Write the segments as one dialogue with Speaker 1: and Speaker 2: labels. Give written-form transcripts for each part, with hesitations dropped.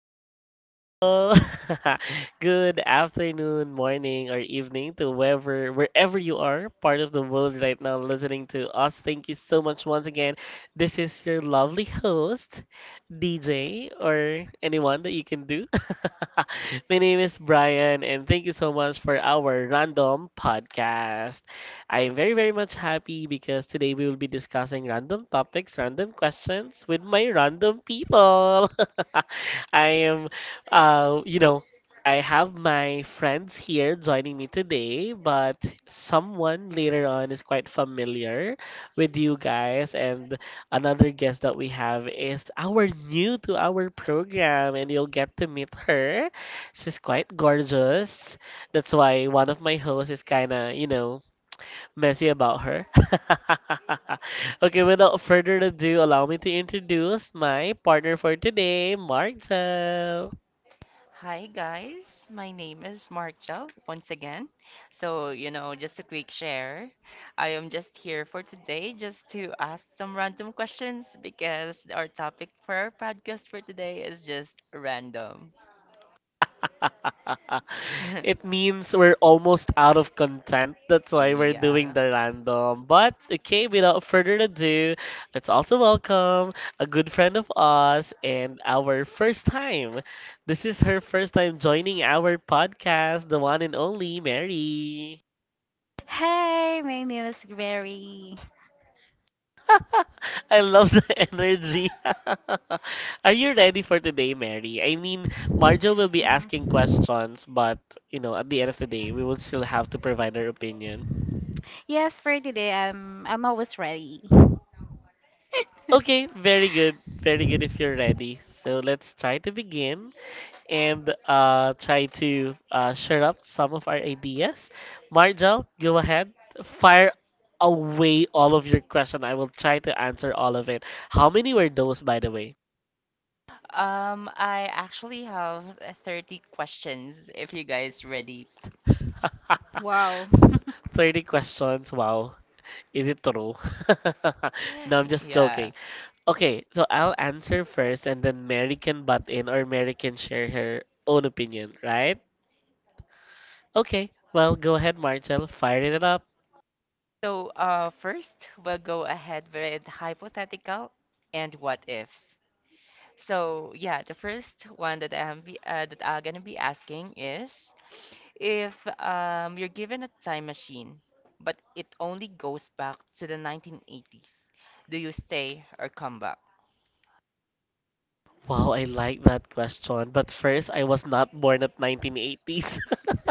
Speaker 1: people. Good afternoon, morning, or evening to whoever, wherever you are, part of the world right now, listening to us. Thank you so much once again. This is your lovely host, DJ, or anyone that you can do. My name is Brian, and thank you so much for our random podcast. I am very, very much happy because today we will be discussing random topics, random questions with my random people. I am, you know, I have my friends here joining me today, but someone later on is quite familiar with you guys. And another guest that we have is our new to our program, and you'll get to meet her. She's quite gorgeous. That's why one of my hosts is kind of messy about her. Okay, without further ado, allow me to introduce my partner for today, Marcel.
Speaker 2: Hi guys, my name is Marshall once again. Just a quick share. I am just here for today just to ask some random questions because our topic for our podcast for today is just random.
Speaker 1: It means we're almost out of content. That's why we're doing
Speaker 2: Yeah.
Speaker 1: the random. But okay, without further ado, let's also welcome a good friend of us and our first time. This is her first time joining our podcast, the one and only Mary.
Speaker 3: Hi, my name is Mary.
Speaker 1: I love the energy. Are you ready for today, Mary? I mean, Marjo will be asking
Speaker 3: Mhm.
Speaker 1: questions, but you know, at the end of the day, we will still have to provide our opinion.
Speaker 3: Yes, for today, I'm always ready.
Speaker 1: Okay, very good. Very good if you're ready. So let's try to begin and try to share up some of our ideas. Marjal, go ahead. Fire away all of your question. I will try to answer all of it. How many were those, by the way?
Speaker 2: I actually have 30 questions if you guys ready.
Speaker 3: Wow.
Speaker 1: 30 questions. Wow. Is it true? No, I'm just
Speaker 2: Yeah.
Speaker 1: joking. Okay, so I'll answer first and then Mary can butt in or Mary can share her own opinion, right? Okay, well, go ahead, Marcel. Fire it up.
Speaker 2: So, first, we'll go ahead with hypothetical and what ifs. So yeah, the first one that I'm gonna be asking is if you're given a time machine, but it only goes back to the 1980s, do you stay or come back?
Speaker 1: Wow, I like that question. But first, I was not born at 1980s.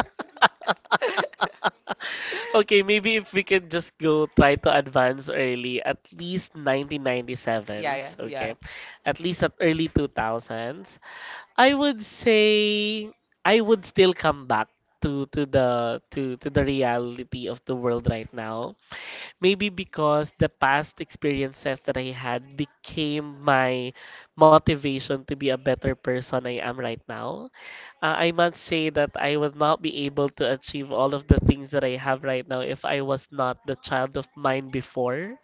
Speaker 1: Okay, maybe if we can just go try to advance early, at least
Speaker 2: Yeah, yeah,
Speaker 1: 1997s,
Speaker 2: yeah.
Speaker 1: okay? At least at early 2000s. I would say I would still come back to the reality of the world right now. Maybe because the past experiences that I had became my motivation to be a better person I am right now. I must say that I would not be able to achieve all of the things that I have right now if I was not the child of mine before.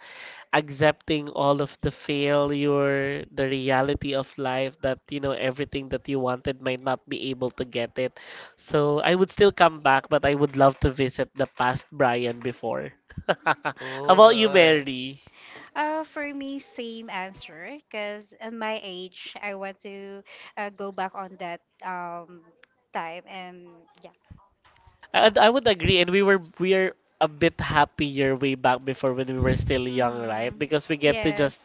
Speaker 1: Accepting all of the failure, the reality of life that, you know, everything that you wanted might not be able to get it. So I would still come back, but I would love to visit the past Brian before. How
Speaker 2: Oh,
Speaker 1: about you, Mary?
Speaker 3: For me, same answer. Cause at my age, I want to go back on that time and yeah.
Speaker 1: I would agree, and we are a bit happier way back before when we were still young, right?
Speaker 3: Mhm.
Speaker 1: Because we get to
Speaker 3: Yes.
Speaker 1: just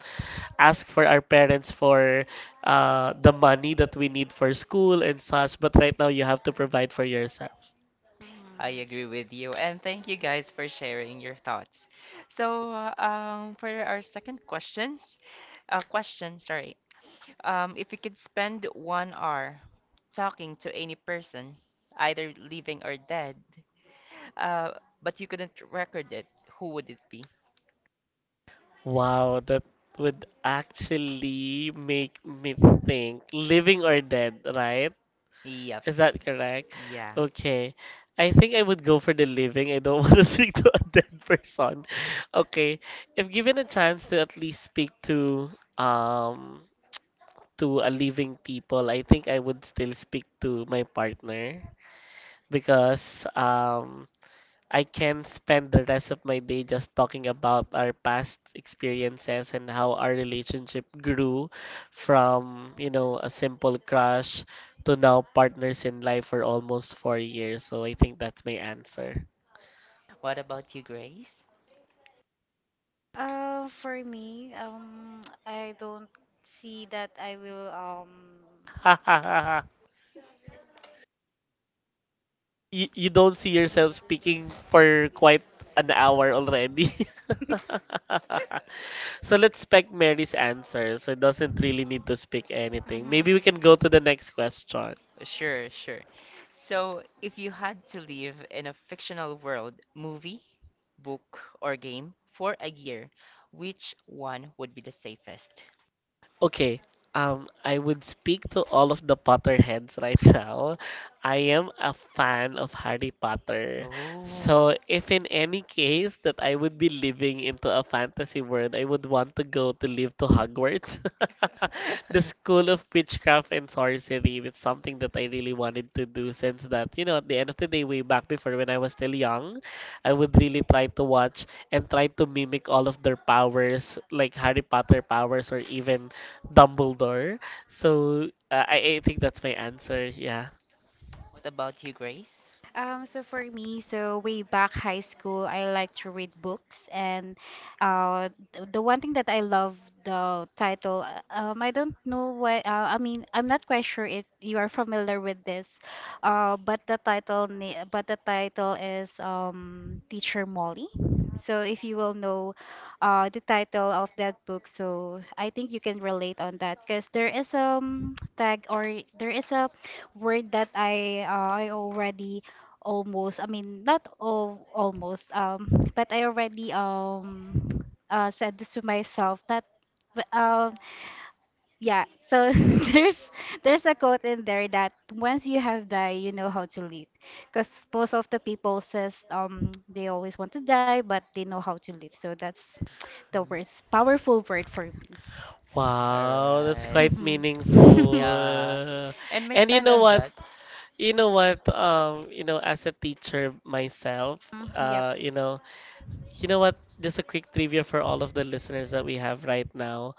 Speaker 1: ask for our parents for the money that we need for school and such. But right now, you have to provide for yourself.
Speaker 3: Mhm.
Speaker 2: I agree with you, and thank you guys for sharing your thoughts. So, for our second question, sorry. If you could spend 1 hour talking to any person, either living or dead, uh, but you couldn't record it, who would it be?
Speaker 1: Wow, that would actually make me think, living or dead, right?
Speaker 2: Yep.
Speaker 1: Is that correct?
Speaker 2: Yeah.
Speaker 1: Okay. I think I would go for the living. I don't want to speak to a dead person. Okay. If given a chance to at least speak um to a living people, I think I would still speak to my partner because I can spend the rest of my day just talking about our past experiences and how our relationship grew from, you know, a simple crush to now partners in life for almost 4 years. So I think that's my answer.
Speaker 2: What about you, Grace?
Speaker 3: For me, I don't see that I will
Speaker 1: You don't see yourself speaking for quite an hour already. So let's spec Mary's answer. So it doesn't really need to speak anything. Maybe we can go to the next question.
Speaker 2: Sure, sure. So, if you had to live in a fictional world, movie, book, or game for a year, which one would be the safest?
Speaker 1: Okay. I would speak to all of the Potterheads right now. I am a fan of Harry Potter.
Speaker 2: Oh.
Speaker 1: So, if in any case that I would be living into a fantasy world, I would want to go to live to Hogwarts, the
Speaker 2: What
Speaker 1: School of Witchcraft and Sorcery. It's something that I really wanted to do since that, you know, at the end of the day, way back before when I was still young, I would really try to watch and try to mimic all of their powers, like Harry Potter powers or even Dumbledore. So I think that's my answer. Yeah.
Speaker 2: about you, Grace?
Speaker 3: So for me, so way back high school, I like to read books, and the one thing that I love the title. I don't know why. I mean, I'm not quite sure if you are familiar with this, but the title is Teacher Molly. So if you will know, the title of that book, so I think you can relate on that, because there is a tag or there is a word that I already almost, I mean, not all almost, but I already said this to myself that, but, um yeah. So there's there's a quote in there that once you have died, you know how to live, because most of the people says they always want to die, but they know how to live. So that's the worst powerful word for me.
Speaker 1: Wow, that's
Speaker 2: Alright.
Speaker 1: quite
Speaker 3: Mhm.
Speaker 2: Yeah.
Speaker 1: meaningful.
Speaker 2: And my
Speaker 1: And you
Speaker 2: stand
Speaker 1: know
Speaker 2: on
Speaker 1: what?
Speaker 2: that.
Speaker 1: You know what? You know, as a teacher myself,
Speaker 3: Mm, yep.
Speaker 1: you know, You know what? Just a quick trivia for all of the listeners that we have right now.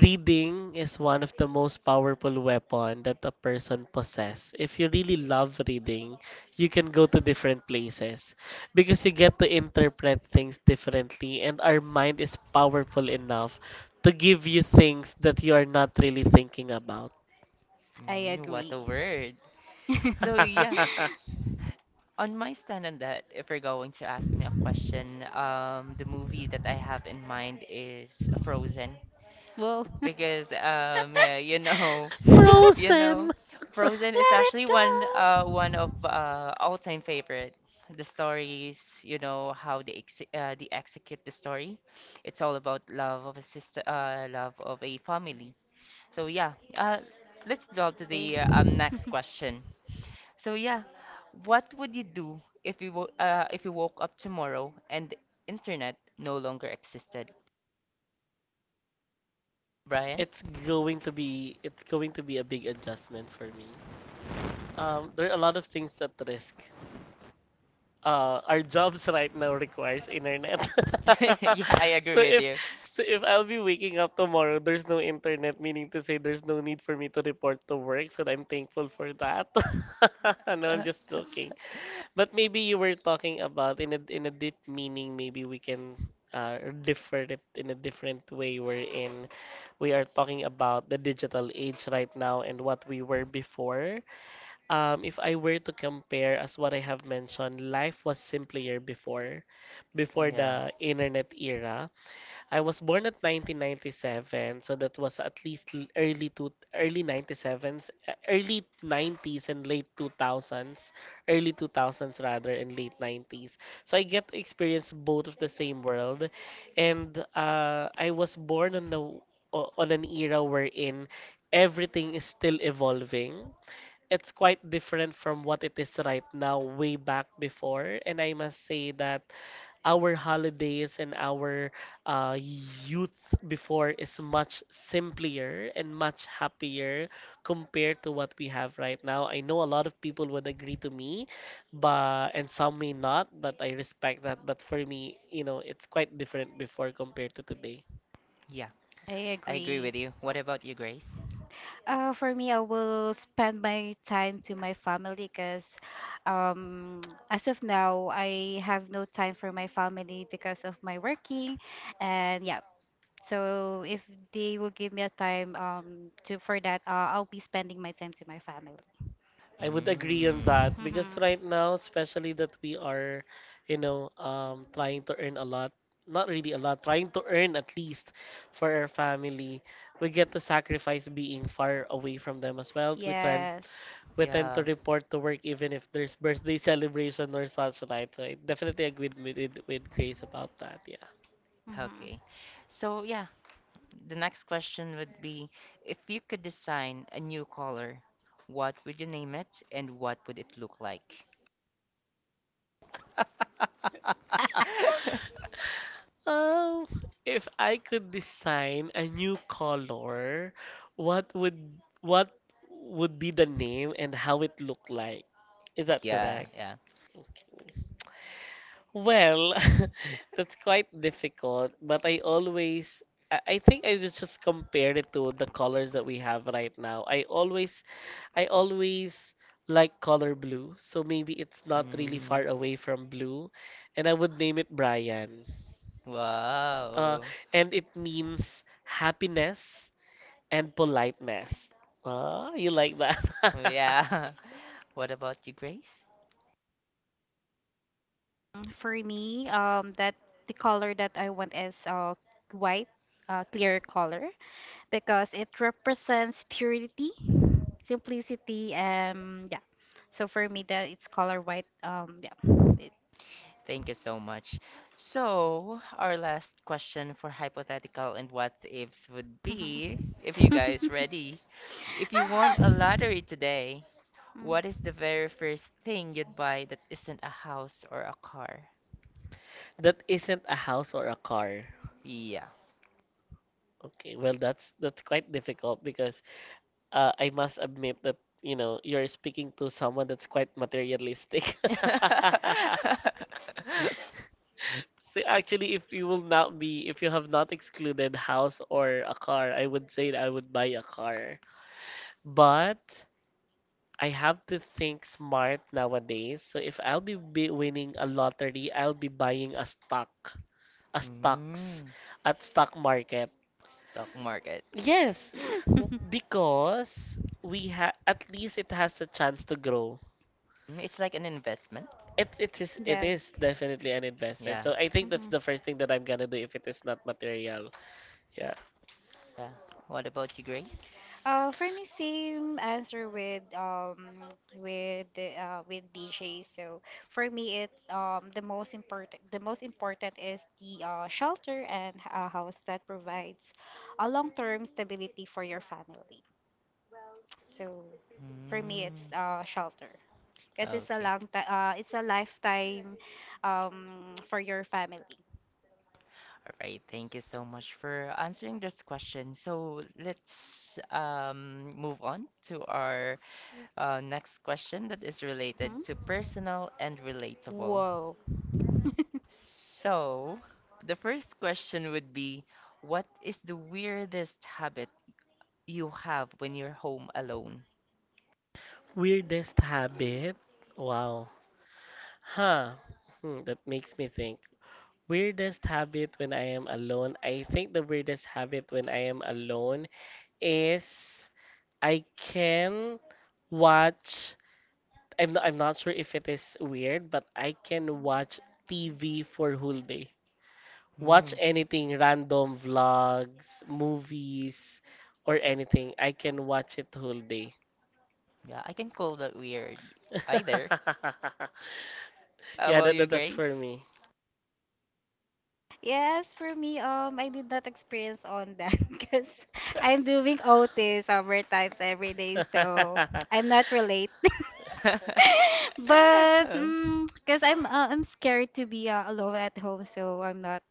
Speaker 1: Reading is one of the most powerful weapon that a person possess. If you really love reading, you can go to different places because you get to interpret things differently and our mind is powerful enough to give you things that you are not really thinking about.
Speaker 3: i
Speaker 2: Mm, what
Speaker 3: agree
Speaker 2: a word. So yeah, on my stand on that, if you're going to ask me a question, the movie that I have in mind is Frozen
Speaker 3: Well, let
Speaker 2: because you know,
Speaker 1: Frozen.
Speaker 2: Frozen is
Speaker 3: it
Speaker 2: actually
Speaker 3: go.
Speaker 2: one of all-time favorite. The stories, you know, how they execute the story. It's all about love of a sister, love of a family. So yeah, let's draw to
Speaker 3: Okay.
Speaker 2: the next question. So yeah, what would you do if you woke up tomorrow and the internet no longer existed, Brian?
Speaker 1: It's going to be a big adjustment for me. There are a lot of things at risk. Our jobs right now requires internet.
Speaker 2: Yeah, I
Speaker 1: so
Speaker 2: agree with
Speaker 1: if
Speaker 2: you.
Speaker 1: so if I'll be waking up tomorrow, there's no internet, meaning to say there's no need for me to report to work, so I'm thankful for that. No, I'm just joking. But maybe you were talking about in a deep meaning, maybe we can differ it in a different way wherein we are talking about the digital age right now and what we were before. If I were to compare, as what I have mentioned, life was simpler before, before
Speaker 2: Yeah,
Speaker 1: the internet era. I was born at 1997, so that was at least l- early to early 97s, early 90s and late 2000s, early 2000s rather, and late 90s. So I get to experience both of the same world, and I was born on the on an era wherein everything is still evolving. It's quite different from what it is right now way back before, and I must say that our holidays and our youth before is much simpler and much happier compared to what we have right now. I know a lot of people would agree to me, but and some may not, but I respect that. But for me, you know, it's quite different before compared to today.
Speaker 2: yeah,
Speaker 3: I
Speaker 2: I agree
Speaker 3: agree.
Speaker 2: with you. What about you, Grace?
Speaker 3: For me, I will spend my time to my family because, um, as of now, I have no time for my family because of my working, and yeah. So if they will give me a time, to for that, I'll be spending my time to my family.
Speaker 1: I would agree on
Speaker 2: Mm,
Speaker 1: that because
Speaker 3: Mhm.
Speaker 1: right now, especially that we are, trying to earn a lot, not really a lot, trying to earn at least for our family, we get to sacrifice being far away from them as well. We tend
Speaker 3: Yes.
Speaker 1: we tend
Speaker 2: yeah,
Speaker 1: to report to work even if there's birthday celebration or such like. So I definitely agree with with Grace about that. Yeah.
Speaker 3: hmm
Speaker 2: okay. So yeah, the next question would be if you could design a new color, what would you name it and what would it look like?
Speaker 1: Um, if I could design a new color, what would what would be the name and how it look like? Is that
Speaker 2: Yeah,
Speaker 1: correct?
Speaker 2: yeah.
Speaker 1: Well, that's quite difficult, but I think I would just compare it to the colors that we have right now. I always like color blue, so maybe it's not really
Speaker 2: Mm,
Speaker 1: far away from blue, and I would name it Brian uh,
Speaker 2: wow.
Speaker 1: and it means happiness and politeness. Ah, you like that?
Speaker 2: Yeah. What about you, Grace?
Speaker 3: For me, that the color that I want is white, clear color, because it represents purity, simplicity, and yeah. So for me, that it's color white. Yeah. It,
Speaker 2: Thank you so much. So, our last question for hypothetical and what ifs would be,
Speaker 3: Mhm.
Speaker 2: if you guys ready, if you won a lottery today, what is the very first thing you'd buy that isn't a house or a car?
Speaker 1: That isn't a house or a car.
Speaker 2: Yeah.
Speaker 1: Okay, well that's quite difficult because I must admit that you know you're speaking to someone that's quite materialistic. So actually, if you will not be, if you have not excluded house or a car, I would say that I would buy a car. But I have to think smart nowadays. So if I'll be winning a lottery, I'll be buying a stock, a stocks
Speaker 2: Mm,
Speaker 1: at stock market.
Speaker 2: stock market.
Speaker 1: Yes,
Speaker 3: Mm.
Speaker 1: because we have at least it has a chance to grow.
Speaker 2: Mm, it's like an investment.
Speaker 1: It it is it
Speaker 3: Yes.
Speaker 1: is definitely an investment.
Speaker 2: Yeah.
Speaker 1: So I think that's the first thing that
Speaker 3: hmm
Speaker 1: I'm gonna do if it is not material. Yeah.
Speaker 2: Yeah. What about you, Grace?
Speaker 3: For me, same answer with the with DJ. So for me, it the most important, is the shelter and a house that provides a long term stability for your family. So for me, it's
Speaker 2: Mm,
Speaker 3: shelter, because
Speaker 2: okay.
Speaker 3: it's a lifetime for your family.
Speaker 2: All right. Thank you so much for answering this question. So let's move on to our next question that is
Speaker 3: Hmm?
Speaker 2: related to personal and relatable.
Speaker 3: Whoa.
Speaker 2: So the first question would be, what is the weirdest habit you have when you're home alone?
Speaker 1: Weirdest habit. Wow. Huh. Hmm, that makes me think. Weirdest habit when I am alone. I think the weirdest habit when I am alone is I can watch. I'm not sure if it is weird, but I can watch TV for whole day. Watch
Speaker 2: Hmm.
Speaker 1: anything, random vlogs, movies, or anything. I can watch it whole day.
Speaker 2: Yeah, I can call that weird either. How
Speaker 1: Yeah,
Speaker 2: about
Speaker 1: that,
Speaker 2: you,
Speaker 1: that that's
Speaker 2: Grace?
Speaker 1: for me.
Speaker 3: Yes, for me, I did not experience on that because I'm doing OT summer times every day, so
Speaker 1: That
Speaker 3: I'm not relate. But because I'm scared to be alone at home, so I'm not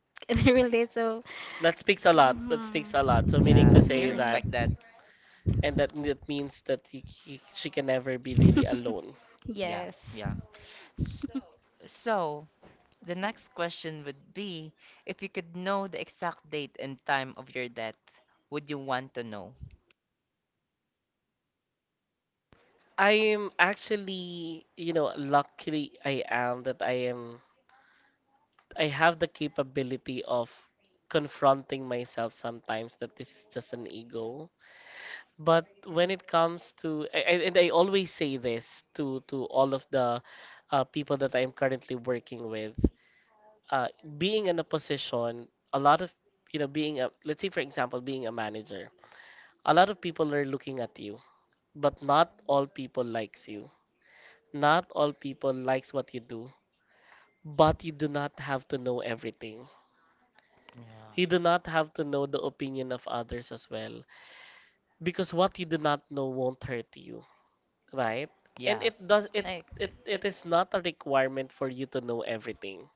Speaker 3: gonna relate. So.
Speaker 1: speaks a lot. That speaks a lot. So meaning
Speaker 2: Yeah,
Speaker 1: to
Speaker 2: we
Speaker 1: say that
Speaker 2: respect
Speaker 3: Mhm.
Speaker 2: that.
Speaker 1: and that that means that she can never be really
Speaker 3: Mm.
Speaker 1: alone.
Speaker 2: Yeah,
Speaker 3: Yes.
Speaker 2: yeah. S- So, the next question would be, if you could know the exact date and time of your death, would you want to know?
Speaker 1: I am actually, you know, luckily I am I have the capability of confronting myself sometimes that this is just an ego. But when it comes to and I always say this to all of the people that I am currently working with, uh, being in a position, a lot of being a let's say for example, being a manager, a lot of people are looking at you. But not all people likes you. Not all people likes what you do. But you do not have to know everything. You do
Speaker 2: Yeah.
Speaker 1: not have to know the opinion of others as well. Because what you do not know won't hurt you, right? And
Speaker 2: Yeah,
Speaker 1: it does it
Speaker 3: Like.
Speaker 1: It is not a requirement for you to know everything.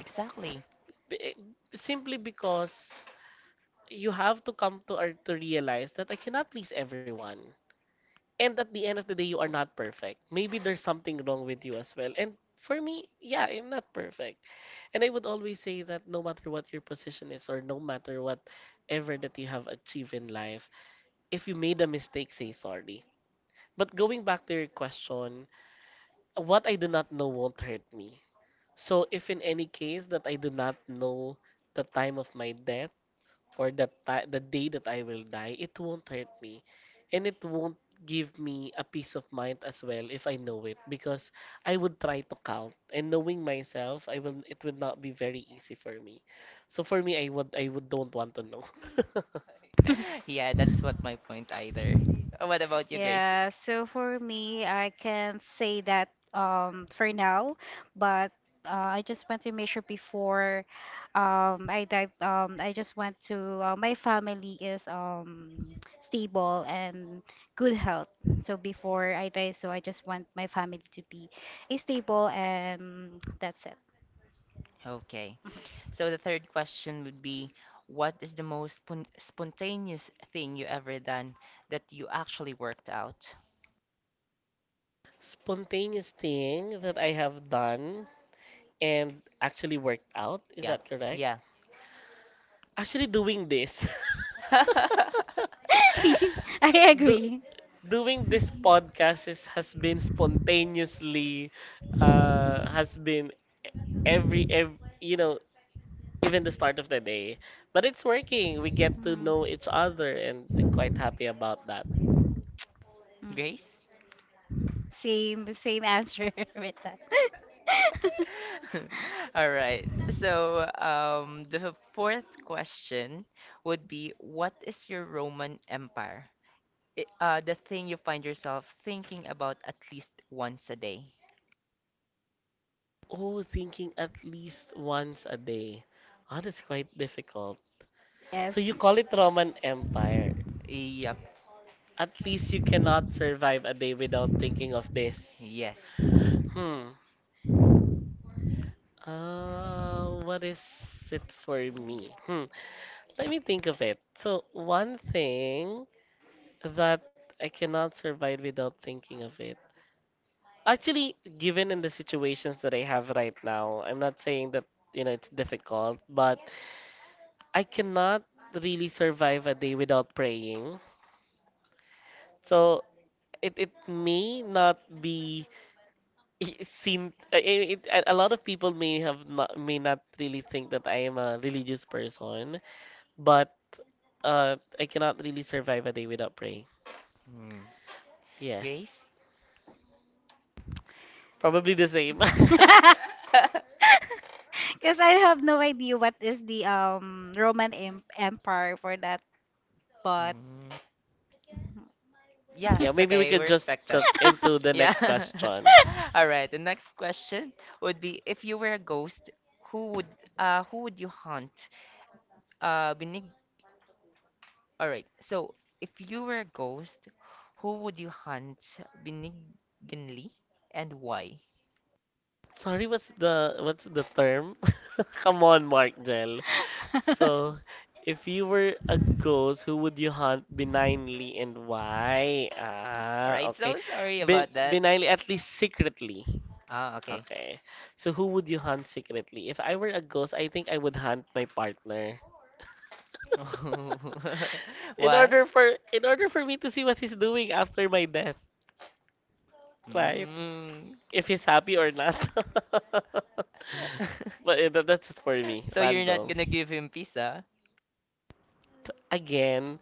Speaker 2: exactly.
Speaker 1: B- eh, Simply because you have to come to or to realize that I cannot please everyone. And at the end of the day, you are not perfect. Maybe there's something wrong with you as well, and for me, yeah, I'm not perfect. And I would always say that no matter what your position is, or no matter whatever that you have achieved in life, if you made a mistake, say sorry. But going back to your question, what I do not know won't hurt me. So if in any case that I do not know the time of my death, or the day that I will die, it won't hurt me, and it won't give me a peace of mind as well if I know it, because I would try to count, and knowing myself, I will it will not be very easy for me. So for me, I would don't want to know.
Speaker 2: Yeah, that's what my point either. What about you, Grace?
Speaker 3: Yeah, so for me, I can't say that for now, but I just want to make sure before, I just want to, my family is stable and good health. So before I die, so I just want my family to be stable, and that's it.
Speaker 2: Okay. So the third question would be, what is the most spontaneous thing you ever done that you actually worked out?
Speaker 1: Spontaneous thing that I have done and actually worked out, is
Speaker 2: Yeah.
Speaker 1: that correct?
Speaker 2: Yeah.
Speaker 1: Actually doing this.
Speaker 3: I
Speaker 1: Do,
Speaker 3: agree.
Speaker 1: doing this podcast is, has been spontaneously has been every even the start of the day, but it's working. We get to know each other, and I'm quite happy about that.
Speaker 3: Mm.
Speaker 2: Grace?
Speaker 3: Same, answer with that.
Speaker 2: All right. So, the fourth question would be, what is your Roman Empire? I The thing you find yourself thinking about at least once a day.
Speaker 1: Oh, thinking at least once a day. Oh, that's quite difficult.
Speaker 3: Yes.
Speaker 1: So you call it Roman Empire.
Speaker 2: Yep.
Speaker 1: At least you cannot survive a day without thinking of this.
Speaker 2: Yes.
Speaker 1: hmm what is it for me? Let me think of it. So, one thing that I cannot survive without thinking of it. Actually, given in the situations that I have right now, I'm not saying that, you know, it's difficult, but I cannot really survive a day without praying. So, it may not be seen I- a lot of people may not really think that I am a religious person, but I cannot really survive a day without praying.
Speaker 2: Hmm.
Speaker 1: Yes.
Speaker 2: Grace?
Speaker 1: Probably the same.
Speaker 3: Because I have no idea what is the Roman Empire for that, but
Speaker 2: Mm. Yeah,
Speaker 1: Yeah,
Speaker 2: it's
Speaker 1: maybe we
Speaker 2: okay. We
Speaker 1: could just
Speaker 2: respect that.
Speaker 1: jump into the
Speaker 2: Yeah.
Speaker 1: next question.
Speaker 2: All right. The next question would be, if you were a ghost, who would who would you hunt? Beneath All right. So, if you were a ghost, who would you hunt benignly and why?
Speaker 1: Sorry, what's the term? Come on, Mark Jell. So, if you were a ghost, who would you hunt benignly and why?
Speaker 2: All right.
Speaker 1: Ah, okay.
Speaker 2: So sorry about that.
Speaker 1: Benignly, at least secretly.
Speaker 2: Ah, okay.
Speaker 1: Okay. So who would you hunt secretly? If I were a ghost, I think I would hunt my partner.
Speaker 2: Why?
Speaker 1: In order for me to see what he's doing after my death. Right.
Speaker 2: Mm.
Speaker 1: If he's happy or not. But that's it for me.
Speaker 2: So you're not
Speaker 1: Random.
Speaker 2: gonna give him peace, huh?
Speaker 1: Again,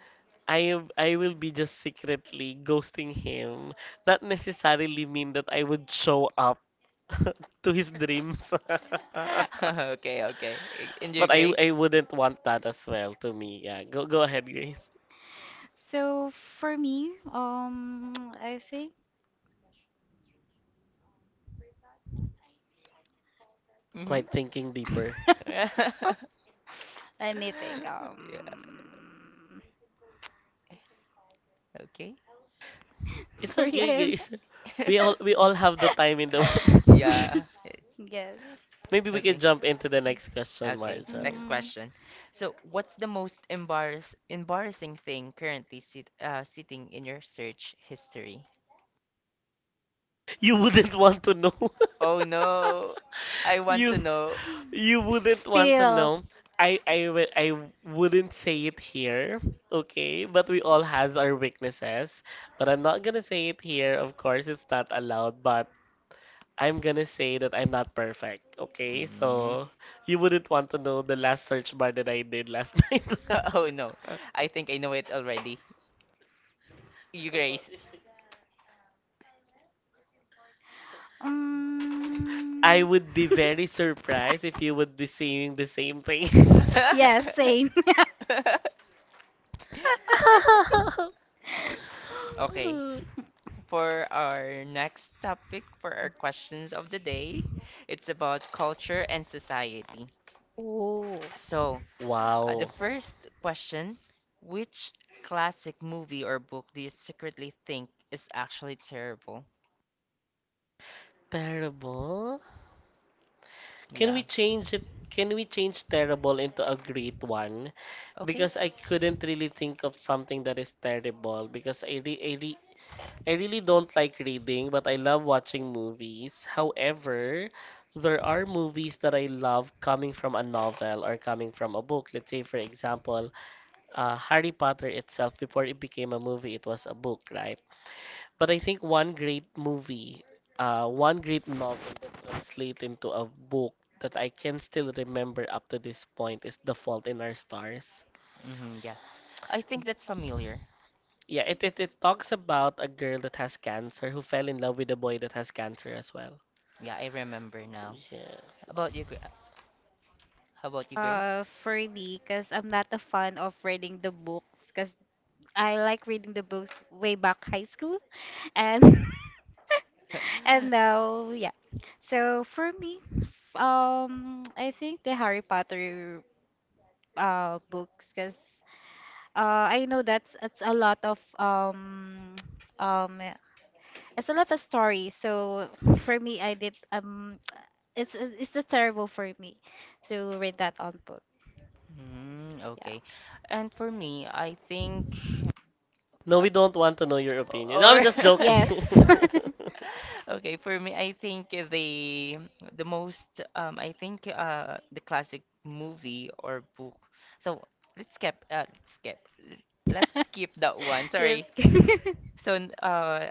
Speaker 1: I will be just secretly ghosting him. Not necessarily mean that I would show up to his dreams.
Speaker 2: Okay, okay. In your
Speaker 1: But I
Speaker 2: grace.
Speaker 1: I wouldn't want that as well to me. Yeah, go ahead, Grace.
Speaker 3: so for me, I think
Speaker 2: Mm-hmm.
Speaker 1: Quite thinking deeper.
Speaker 2: Yeah.
Speaker 3: let me think.
Speaker 2: Okay.
Speaker 1: It's
Speaker 3: Sorry, I
Speaker 1: okay,
Speaker 3: am.
Speaker 1: Grace. We all have the time in the
Speaker 2: Yeah, it's
Speaker 3: Yes.
Speaker 1: Maybe we can
Speaker 2: okay.
Speaker 1: jump into the next question,
Speaker 2: Okay,
Speaker 1: Marcel.
Speaker 2: next
Speaker 3: Mhm.
Speaker 2: question. So, what's the most embarrassing thing currently sitting in your search history?
Speaker 1: You wouldn't want to know.
Speaker 2: Oh no, I want to
Speaker 1: You
Speaker 2: know.
Speaker 1: you wouldn't want to
Speaker 3: Still.
Speaker 1: know. I wouldn't say it here, okay? But we all has our weaknesses. But I'm not gonna say it here. Of course, it's not allowed. But I'm gonna say that I'm not perfect, okay?
Speaker 2: Mm.
Speaker 1: So you wouldn't want to know the last search bar that I did last night.
Speaker 2: Oh no, I think I know it already. You Grace.
Speaker 3: Um,
Speaker 1: I would be very surprised if you would be saying the same thing.
Speaker 3: yes, same.
Speaker 2: Okay, for our next topic, for our questions of the day, it's about culture and society.
Speaker 3: Oh,
Speaker 2: So, the
Speaker 1: Wow.
Speaker 2: first question, which classic movie or book do you secretly think is actually terrible?
Speaker 1: Terrible? Can we
Speaker 2: Yeah.
Speaker 1: change it? Can we change terrible into a great one?
Speaker 2: Okay.
Speaker 1: Because I couldn't really think of something that is terrible because I really don't like reading, but I love watching movies. However, there are movies that I love coming from a novel or coming from a book. Let's say, for example, Harry Potter itself, before it became a movie, it was a book, right? But I think one great movie, one great novel that translates into a book that I can still remember up to this point is The Fault in Our Stars.
Speaker 2: Mm-hmm, yeah. I think that's familiar.
Speaker 1: Yeah, it talks about a girl that has cancer who fell in love with a boy that has cancer as well.
Speaker 2: Yeah, I remember now.
Speaker 1: Yeah.
Speaker 2: How about you, Gra- how about you, Grace?
Speaker 3: for me, because I'm not a fan of reading the books, because I like reading the books way back high school, and and now yeah. So for me, I think the Harry Potter books, cause I know that's, it's a lot of um it's a lot of stories. So for me, I did it's a terrible for me to read that on book.
Speaker 2: Mm,
Speaker 3: Yeah.
Speaker 2: okay. And for me, I think.
Speaker 1: No, we don't want to know your opinion. No, I'm
Speaker 2: Or
Speaker 1: just joking.
Speaker 3: Yes.
Speaker 2: okay, for me, I think the most I think the classic movie or book. So let's skip. Let's skip that one.
Speaker 3: Yes.
Speaker 2: Sorry. So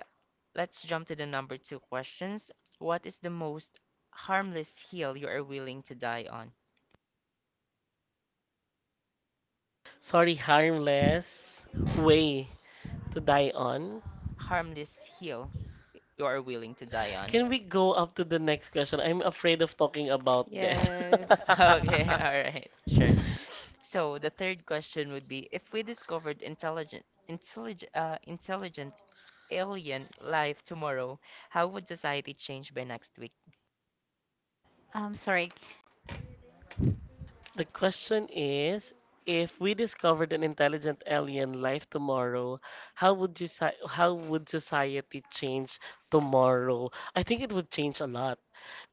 Speaker 2: let's jump to the number two questions. What is the most harmless hill you are willing to die on?
Speaker 1: Sorry, harmless way to die on.
Speaker 2: Harmless hill you are willing to die on.
Speaker 1: Can we go up to the next question? I'm afraid of talking about death.
Speaker 3: Yes.
Speaker 2: Okay,
Speaker 1: Okay.
Speaker 2: all right, sure. So the third question would be if we discovered intelligent alien life tomorrow, how would society change by next week?
Speaker 3: I'm sorry.
Speaker 1: The question is, if we discovered an intelligent alien life tomorrow, how would society change tomorrow? I think it would change a lot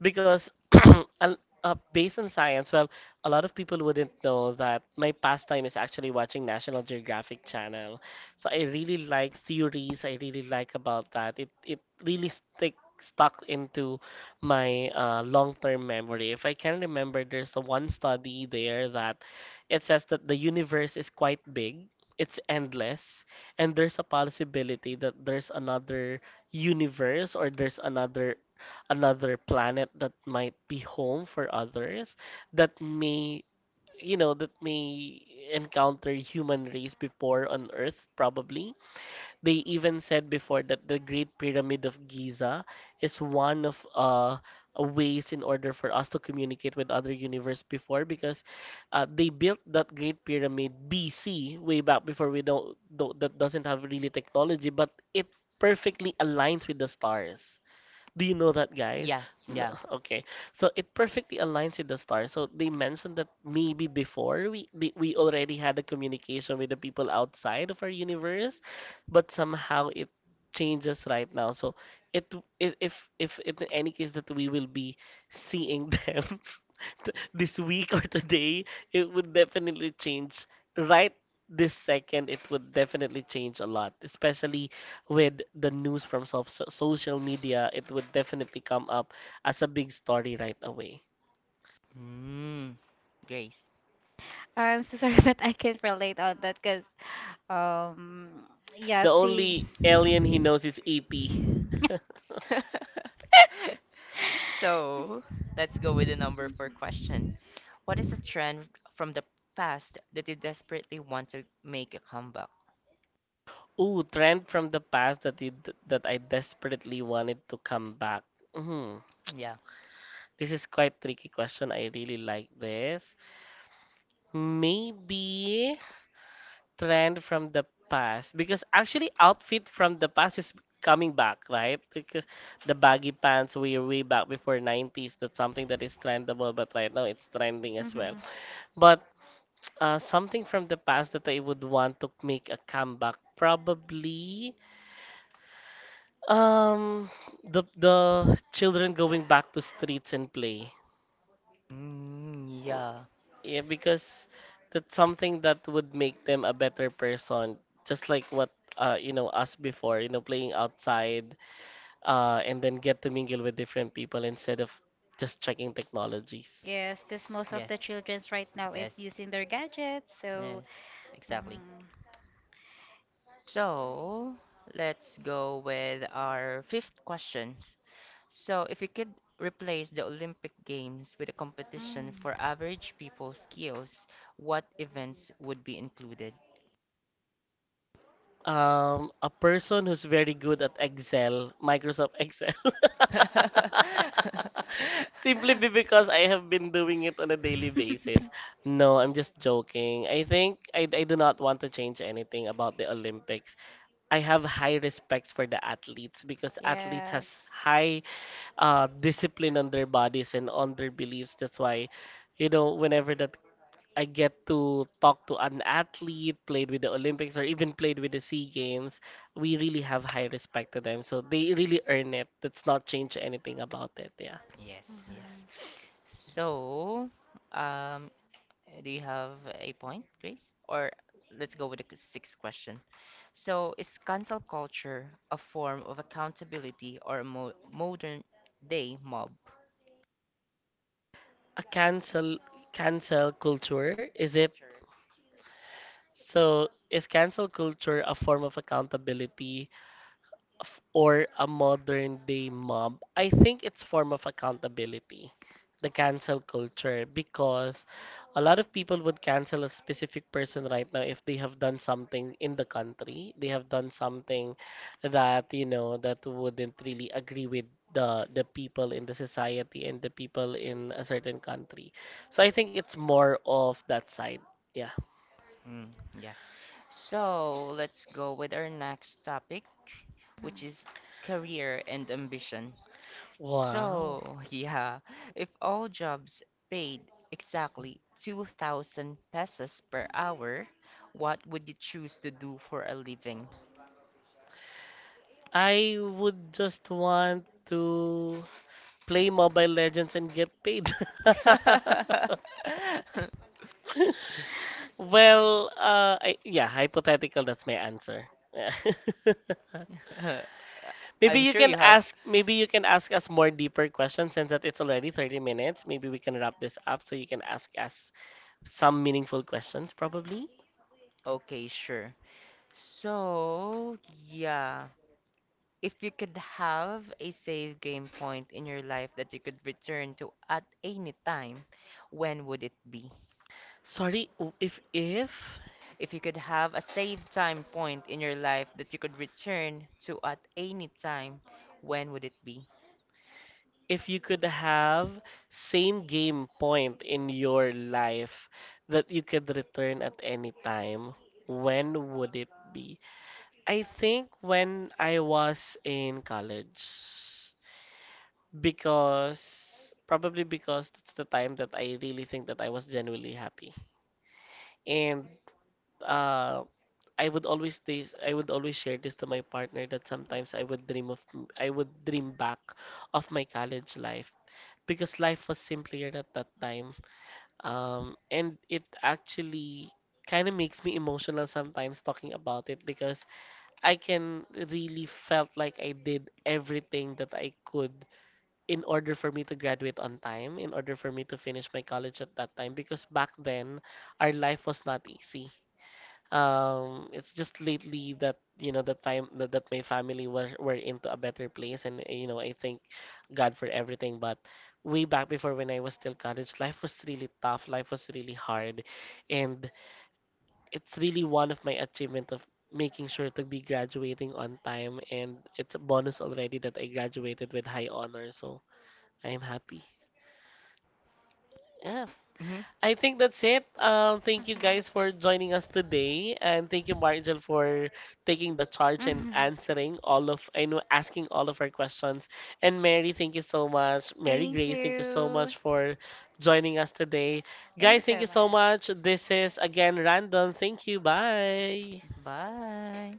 Speaker 1: because al- based on science, well, a lot of people wouldn't know that my pastime is actually watching National Geographic Channel. So I really like theories. I really like about that. It really stick stuck into my long-term memory. If I can remember, there's a one study there that it says that the universe is quite big, it's endless, and there's a possibility that there's another universe, or there's another planet that might be home for others that may, you know, that may encounter human race before on Earth, probably. They even said before that the Great Pyramid of Giza is one of ways in order for us to communicate with other universe before because they built that Great Pyramid BC way back before. We don't, do that doesn't have really technology, but it perfectly aligns with the stars. Do you know that, guys? No.
Speaker 2: Yeah, yeah.
Speaker 1: Yes. Okay. So it perfectly aligns with the star. So they mentioned that maybe before we already had a communication with the people outside of our universe, but somehow it changes right now. So it, if in any case that we will be seeing them this week or today, it would definitely change. Right this second, it would definitely change a lot, especially with the news from social media. It would definitely come up as a big story right away.
Speaker 2: Mm, Grace.
Speaker 3: I'm so sorry, but I can't relate on that because, um, yeah,
Speaker 1: The
Speaker 3: see.
Speaker 1: only alien he knows is E.T.
Speaker 2: So let's go with the number four question. What is a trend from the past that you desperately want to make a comeback?
Speaker 1: Ooh, trend from the past that that I desperately wanted to come back. Hmm.
Speaker 2: Yeah.
Speaker 1: This is quite tricky question. I really like this. Maybe trend from the past, because actually outfit from the past is coming back, right? Because the baggy pants we way back before 90s, that's something that is trendable, but right now it's trending as well.
Speaker 3: Mm-hmm.
Speaker 1: But something from the past that I would want to make a comeback, probably, um the children going back to streets and play.
Speaker 2: Mm, yeah.
Speaker 1: Yeah, because that's something that would make them a better person. Just like what you know, us before, you know, playing outside, and then get to mingle with different people instead of just checking technologies.
Speaker 3: Yes, because most of the
Speaker 2: Yes,
Speaker 3: childrens right now is
Speaker 2: yes.
Speaker 3: using their gadgets, so.
Speaker 2: Yes, exactly.
Speaker 3: Mhm.
Speaker 2: So let's go with our fifth question. So, if you could replace the Olympic Games with a competition
Speaker 3: Mm.
Speaker 2: for average people skills, what events would be included?
Speaker 1: A person who's very good at Excel, Microsoft Excel. Simply be because I have been doing it on a daily basis. No, I'm just joking. I think I do not want to change anything about the Olympics. I have high respects for the athletes, because athletes
Speaker 3: Yes.
Speaker 1: has high discipline on their bodies and on their beliefs. That's why, you know, whenever that I get to talk to an athlete, played with the Olympics or even played with the Sea Games, we really have high respect to them. So they really earn it. Let's not change anything about it. Yeah.
Speaker 2: Yes,
Speaker 3: Mhm.
Speaker 2: yes. So, um, do you have a point, Grace? Or let's go with the sixth question. So, is cancel culture a form of accountability or a mo modern day mob?
Speaker 1: A cancel cancel culture, is it? So is cancel culture a form of accountability, or a modern day mob? I think it's form of accountability, the cancel culture, because a lot of people would cancel a specific person right now if they have done something in the country, they have done something that, you know, that wouldn't really agree with the people in the society and the people in a certain country. So I think it's more of that side. Yeah.
Speaker 2: Mm, yeah. So, let's go with our next topic, which
Speaker 3: Mhm.
Speaker 2: is career and ambition.
Speaker 1: Wow.
Speaker 2: So, yeah, if all jobs paid exactly 2,000 pesos per hour, what would you choose to do for a living?
Speaker 1: I would just want to play Mobile Legends and get paid. Well, yeah, hypothetical. That's my answer. Yeah. Maybe
Speaker 2: I'm
Speaker 1: you
Speaker 2: sure
Speaker 1: can
Speaker 2: you have.
Speaker 1: ask. Maybe you can ask us more deeper questions, since that it's already 30 minutes. Maybe we can wrap this up so you can ask us some meaningful questions. Probably.
Speaker 2: Okay, sure. So, yeah. If you could have a save game point in your life that you could return to at any time, when would it be?
Speaker 1: Sorry,
Speaker 2: If you could have a save time point in your life that you could return to at any time, when would it be?
Speaker 1: if you could have same game point in your life that you could return at any time, when would it be? I think when I was in college, because probably because that's the time that I really think that I was genuinely happy. And uh, I would always share this to my partner, that sometimes I would dream of I would dream back of my college life, because life was simpler at that time. And it actually kind of makes me emotional sometimes talking about it, because I can really felt like I did everything that I could in order for me to graduate on time, in order for me to finish my college at that time, because back then our life was not easy. Um, it's just lately that you know that time that, that my family was were into a better place, and you know, I thank God for everything. But way back before when I was still college, life was really tough. Life was really hard, and it's really one of my achievement of making sure to be graduating on time, and it's a bonus already that I graduated with high honor. So I am happy. Yeah,
Speaker 2: Hmm.
Speaker 1: I think that's it. Thank you guys for joining us today, and thank you, Margel, for taking the
Speaker 3: Mhm.
Speaker 1: charge and
Speaker 3: Mhm.
Speaker 1: answering all of, I know, asking all of our questions. And Mary, thank you so much. Mary
Speaker 3: Thank
Speaker 1: Grace, thank you so
Speaker 3: you.
Speaker 1: much for joining us today.
Speaker 3: Thank you
Speaker 1: Guys,
Speaker 3: so
Speaker 1: thank you so
Speaker 3: much.
Speaker 1: much. This is again Random. Thank you. Bye.
Speaker 2: Bye.